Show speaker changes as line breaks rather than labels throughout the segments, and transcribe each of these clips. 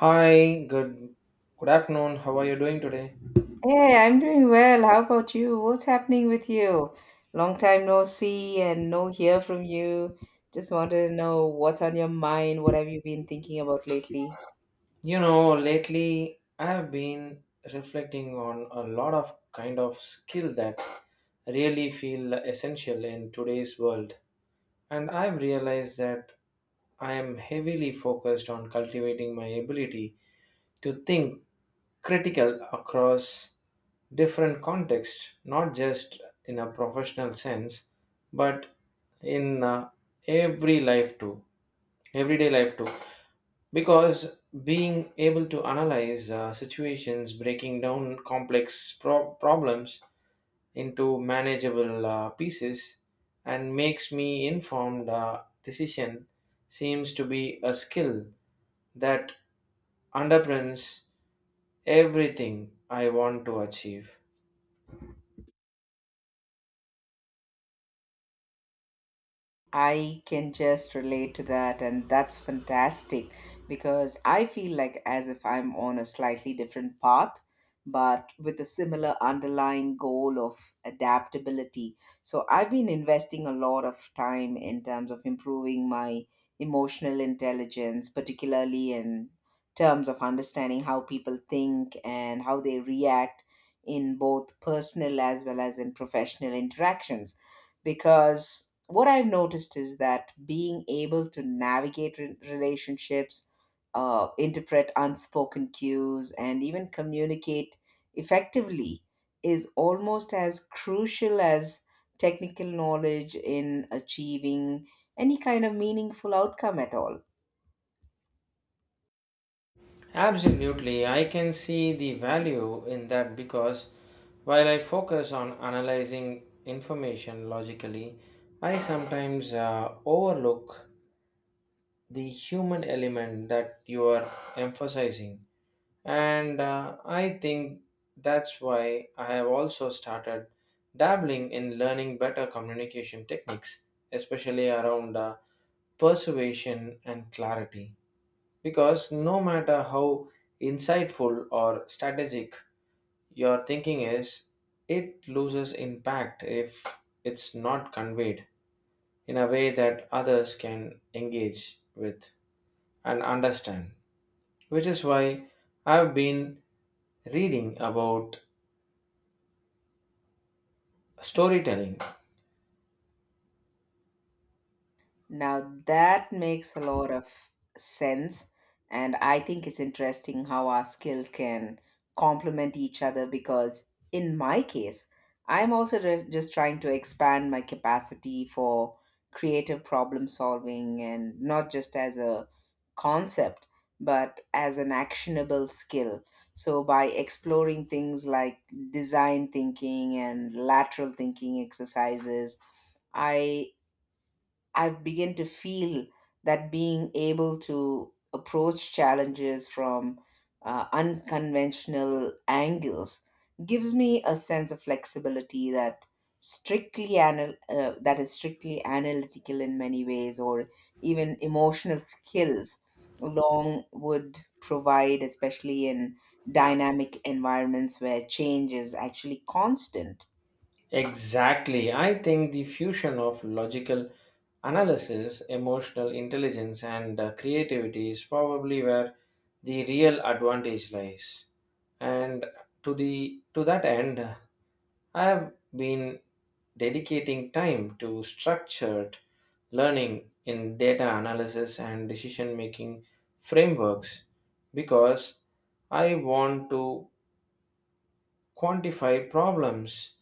Hi, good afternoon. How are you doing today?
Hey, I'm doing well. How about you? What's happening with you? Long time no see and no hear from you. Just wanted to know what's on your mind. What have you been thinking about lately?
You know, lately I have been reflecting on a lot of kind of skill that really feel essential in today's world. And I've realized that I am heavily focused on cultivating my ability to think critical across different contexts, not just in a professional sense, but in every life too, everyday life too. Because being able to analyze situations, breaking down complex problems, into manageable pieces and makes me informed decision seems to be a skill that underpins everything I want to achieve.
I can just relate to that, and that's fantastic because I feel like as if I'm on a slightly different path, but with a similar underlying goal of adaptability. So I've been investing a lot of time in terms of improving my emotional intelligence, particularly in terms of understanding how people think and how they react in both personal as well as in professional interactions because what I've noticed is that being able to navigate relationships, interpret unspoken cues, and even communicate effectively is almost as crucial as technical knowledge in achieving any kind of meaningful outcome at all.
Absolutely, I can see the value in that because while I focus on analyzing information logically, I sometimes overlook the human element that you are emphasizing. And I think that's why I have also started dabbling in learning better communication techniques, especially around persuasion and clarity. Because no matter how insightful or strategic your thinking is, it loses impact if it's not conveyed in a way that others can engage with and understand. Which is why I've been reading about storytelling.
Now that makes a lot of sense, and I think it's interesting how our skills can complement each other because, in my case, I'm also just trying to expand my capacity for creative problem solving and not just as a concept but as an actionable skill. So, by exploring things like design thinking and lateral thinking exercises, I I've begun to feel that being able to approach challenges from unconventional angles gives me a sense of flexibility that that is strictly analytical in many ways or even emotional skills along would provide, especially in dynamic environments where change is actually constant.
Exactly. I think the fusion of logical analysis, emotional intelligence, and creativity is probably where the real advantage lies. And to that end, I have been dedicating time to structured learning in data analysis and decision making frameworks because I want to quantify problems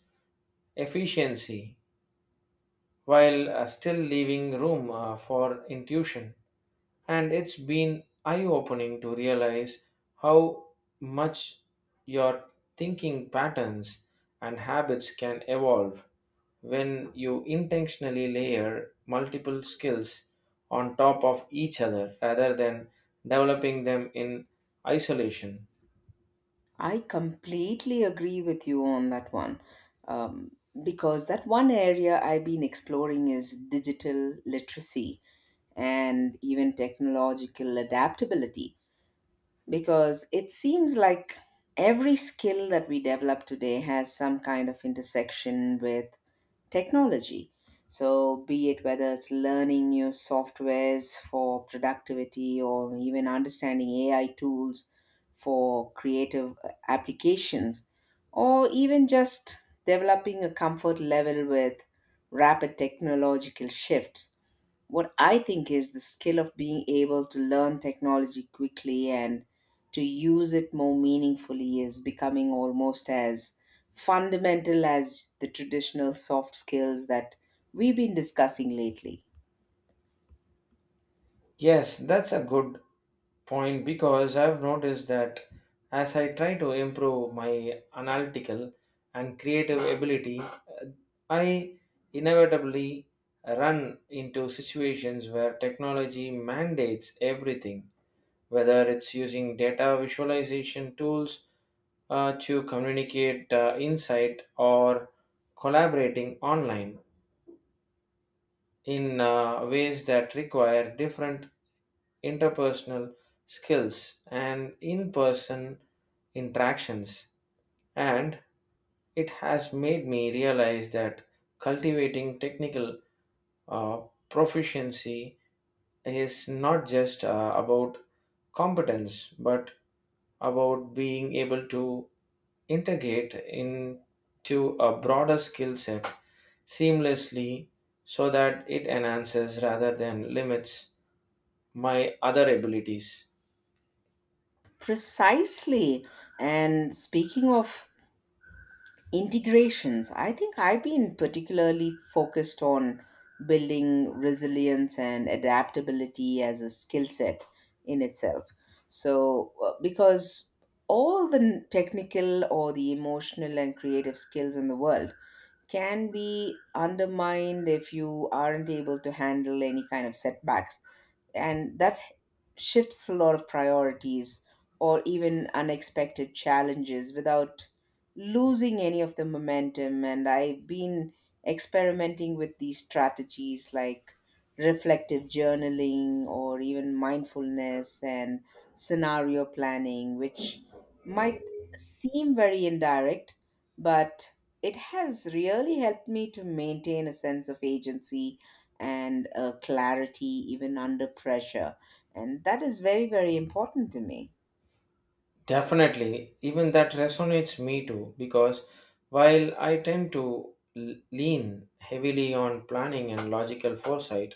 efficiency while still leaving room for intuition. And it's been eye opening to realize how much your thinking patterns and habits can evolve when you intentionally layer multiple skills on top of each other rather than developing them in isolation.
I completely agree with you on that one. Um, because that one area I've been exploring is digital literacy and even technological adaptability, because it seems like every skill that we develop today has some kind of intersection with technology. So, be it whether it's learning new softwares for productivity or even understanding AI tools for creative applications, or even just developing a comfort level with rapid technological shifts, what I think is the skill of being able to learn technology quickly and to use it more meaningfully is becoming almost as fundamental as the traditional soft skills that we've been discussing lately.
Yes, that's a good point because I've noticed that as I try to improve my analytical and creative ability, I inevitably run into situations where technology mandates everything, whether it's using data visualization tools to communicate insight or collaborating online in ways that require different interpersonal skills and in person interactions, and it has made me realize that cultivating technical uh, proficiency is not just about competence but about being able to integrate into a broader skill set seamlessly so that it enhances rather than limits my other abilities.
Precisely. And speaking of Integrations, I think I've been particularly focused on building resilience and adaptability as a skill set in itself. So, because all the technical or the emotional and creative skills in the world can be undermined if you aren't able to handle any kind of setbacks and that shifts a lot of priorities or even unexpected challenges without losing any of the momentum. And I've been experimenting with these strategies like reflective journaling or even mindfulness and scenario planning, which might seem very indirect, but it has really helped me to maintain a sense of agency and clarity even under pressure. And that is very, very important to me.
Definitely, even that resonates me too, because while I tend to lean heavily on planning and logical foresight,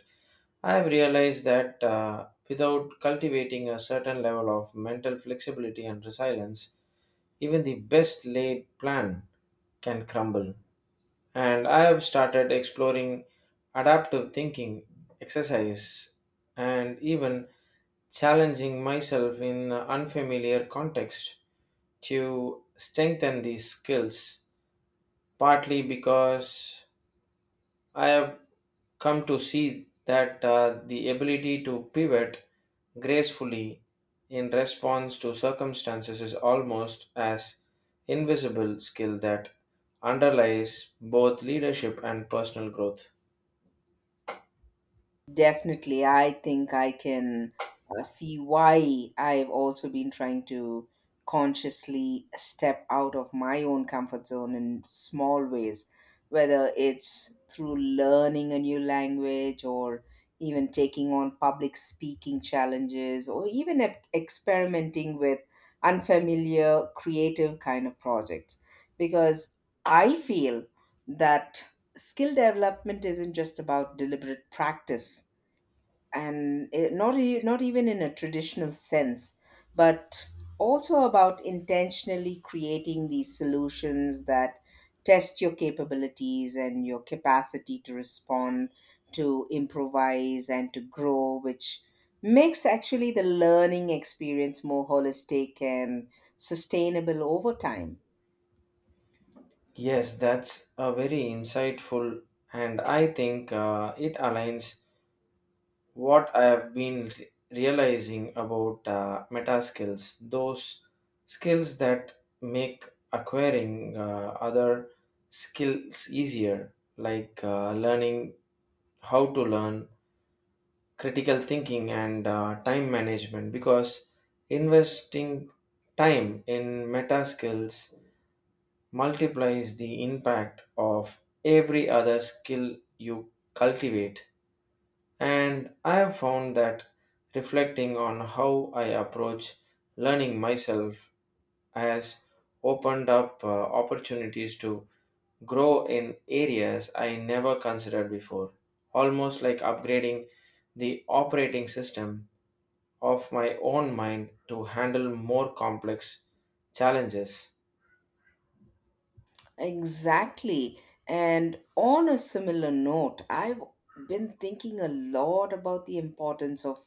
I have realized that without cultivating a certain level of mental flexibility and resilience, even the best laid plan can crumble. And I have started exploring adaptive thinking, exercise, and even challenging myself in unfamiliar contexts to strengthen these skills, partly because I have come to see that the ability to pivot gracefully in response to circumstances is almost as invisible skill that underlies both leadership and personal growth.
Definitely, I think I can see why I've also been trying to consciously step out of my own comfort zone in small ways, whether it's through learning a new language or even taking on public speaking challenges or even experimenting with unfamiliar creative kind of projects, because I feel that skill development isn't just about deliberate practice and it, not even in a traditional sense, but also about intentionally creating these solutions that test your capabilities and your capacity to respond, to improvise, and to grow, which makes actually the learning experience more holistic and sustainable over time.
Yes, that's a very insightful, and I think it aligns what I have been realizing about meta skills, those skills that make acquiring other skills easier, like learning how to learn, critical thinking, and time management, because investing time in meta skills multiplies the impact of every other skill you cultivate. And I have found that reflecting on how I approach learning myself has opened up opportunities to grow in areas I never considered before, almost like upgrading the operating system of my own mind to handle more complex challenges.
Exactly. And on a similar note, I've been thinking a lot about the importance of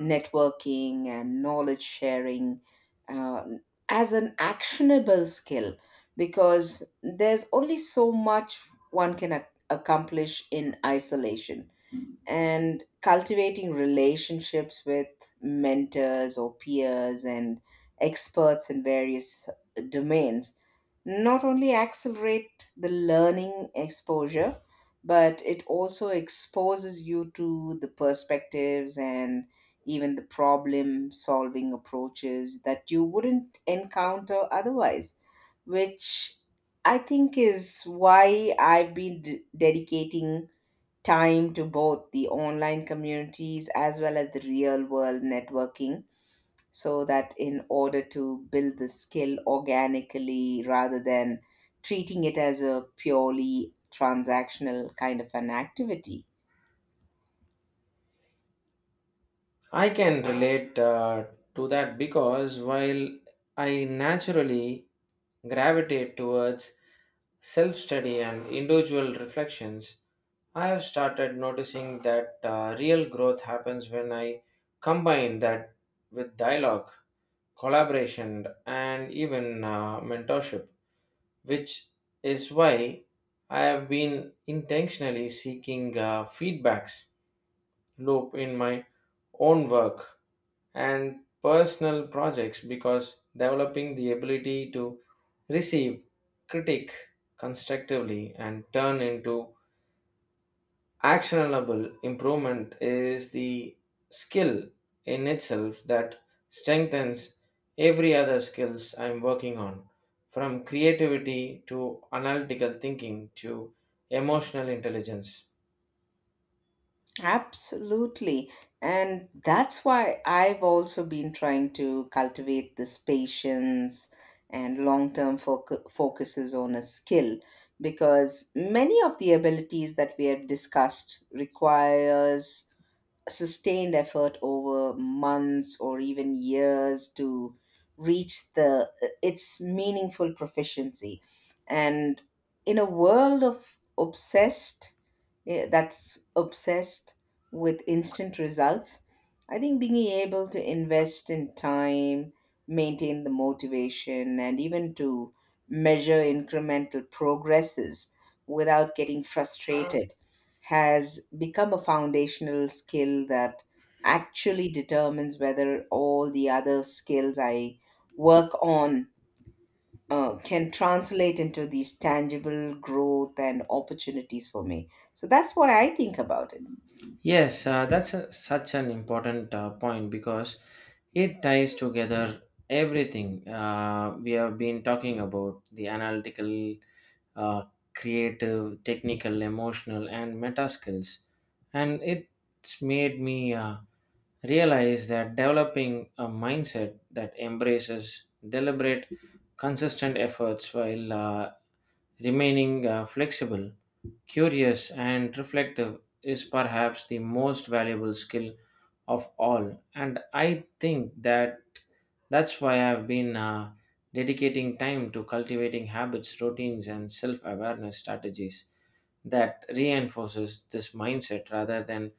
networking and knowledge sharing uh, as an actionable skill, because there's only so much one can accomplish in isolation, and cultivating relationships with mentors or peers and experts in various domains not only accelerate the learning exposure but it also exposes you to the perspectives and even the problem solving approaches that you wouldn't encounter otherwise, which I think is why I've been dedicating time to both the online communities as well as the real world networking, so that in order to build the skill organically rather than treating it as a purely transactional kind of an activity.
I can relate to that because while I naturally gravitate towards self study and individual reflections, I have started noticing that real growth happens when I combine that with dialogue, collaboration, and even mentorship, which is why I have been intentionally seeking feedbacks loop in my own work and personal projects because developing the ability to receive critique constructively and turn into actionable improvement is the skill in itself that strengthens every other skills I'm working on, from creativity to analytical thinking to emotional intelligence.
Absolutely. And that's why I've also been trying to cultivate this patience and long term focuses on a skill, because many of the abilities that we have discussed requires sustained effort over months or even years to reach the its meaningful proficiency. And in a world of obsessed, that's obsessed with instant results, I think being able to invest in time, maintain the motivation, and even to measure incremental progresses without getting frustrated has become a foundational skill that actually determines whether all the other skills I work on can translate into these tangible growth and opportunities for me. So that's what I think about it.
Yes, that's a, such an important point because it ties together everything we have been talking about the analytical uh, creative, technical, emotional, and meta skills. And it's made me realize that developing a mindset that embraces deliberate, consistent efforts while remaining flexible, curious, and reflective is perhaps the most valuable skill of all. And I think that that's why I've been dedicating time to cultivating habits routines and self-awareness strategies that reinforces this mindset rather than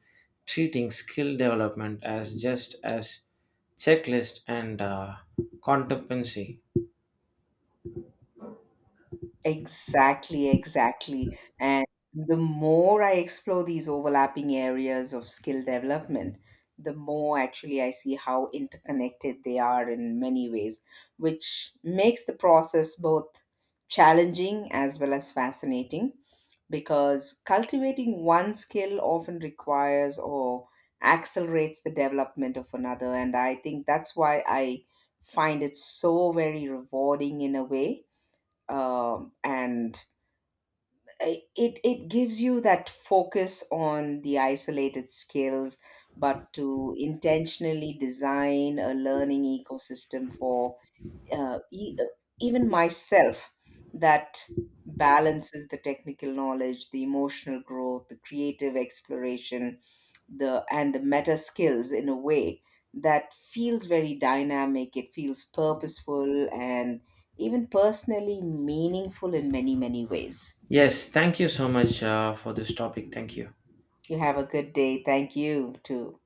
treating skill development as just as checklist and competency.
Exactly, exactly. And the more I explore these overlapping areas of skill development, the more actually I see how interconnected they are in many ways, which makes the process both challenging as well as fascinating, because cultivating one skill often requires or accelerates the development of another. And I think that's why I find it so very rewarding in a way. And it gives you that focus on the isolated skills, but to intentionally design a learning ecosystem for uh, e- uh, even myself that balances the technical knowledge, the emotional growth, the creative exploration, the and the meta skills in a way that feels very dynamic. It feels purposeful and even personally meaningful in many, many ways.
Yes, thank you so much for this topic. Thank you.
You have a good day. Thank you too.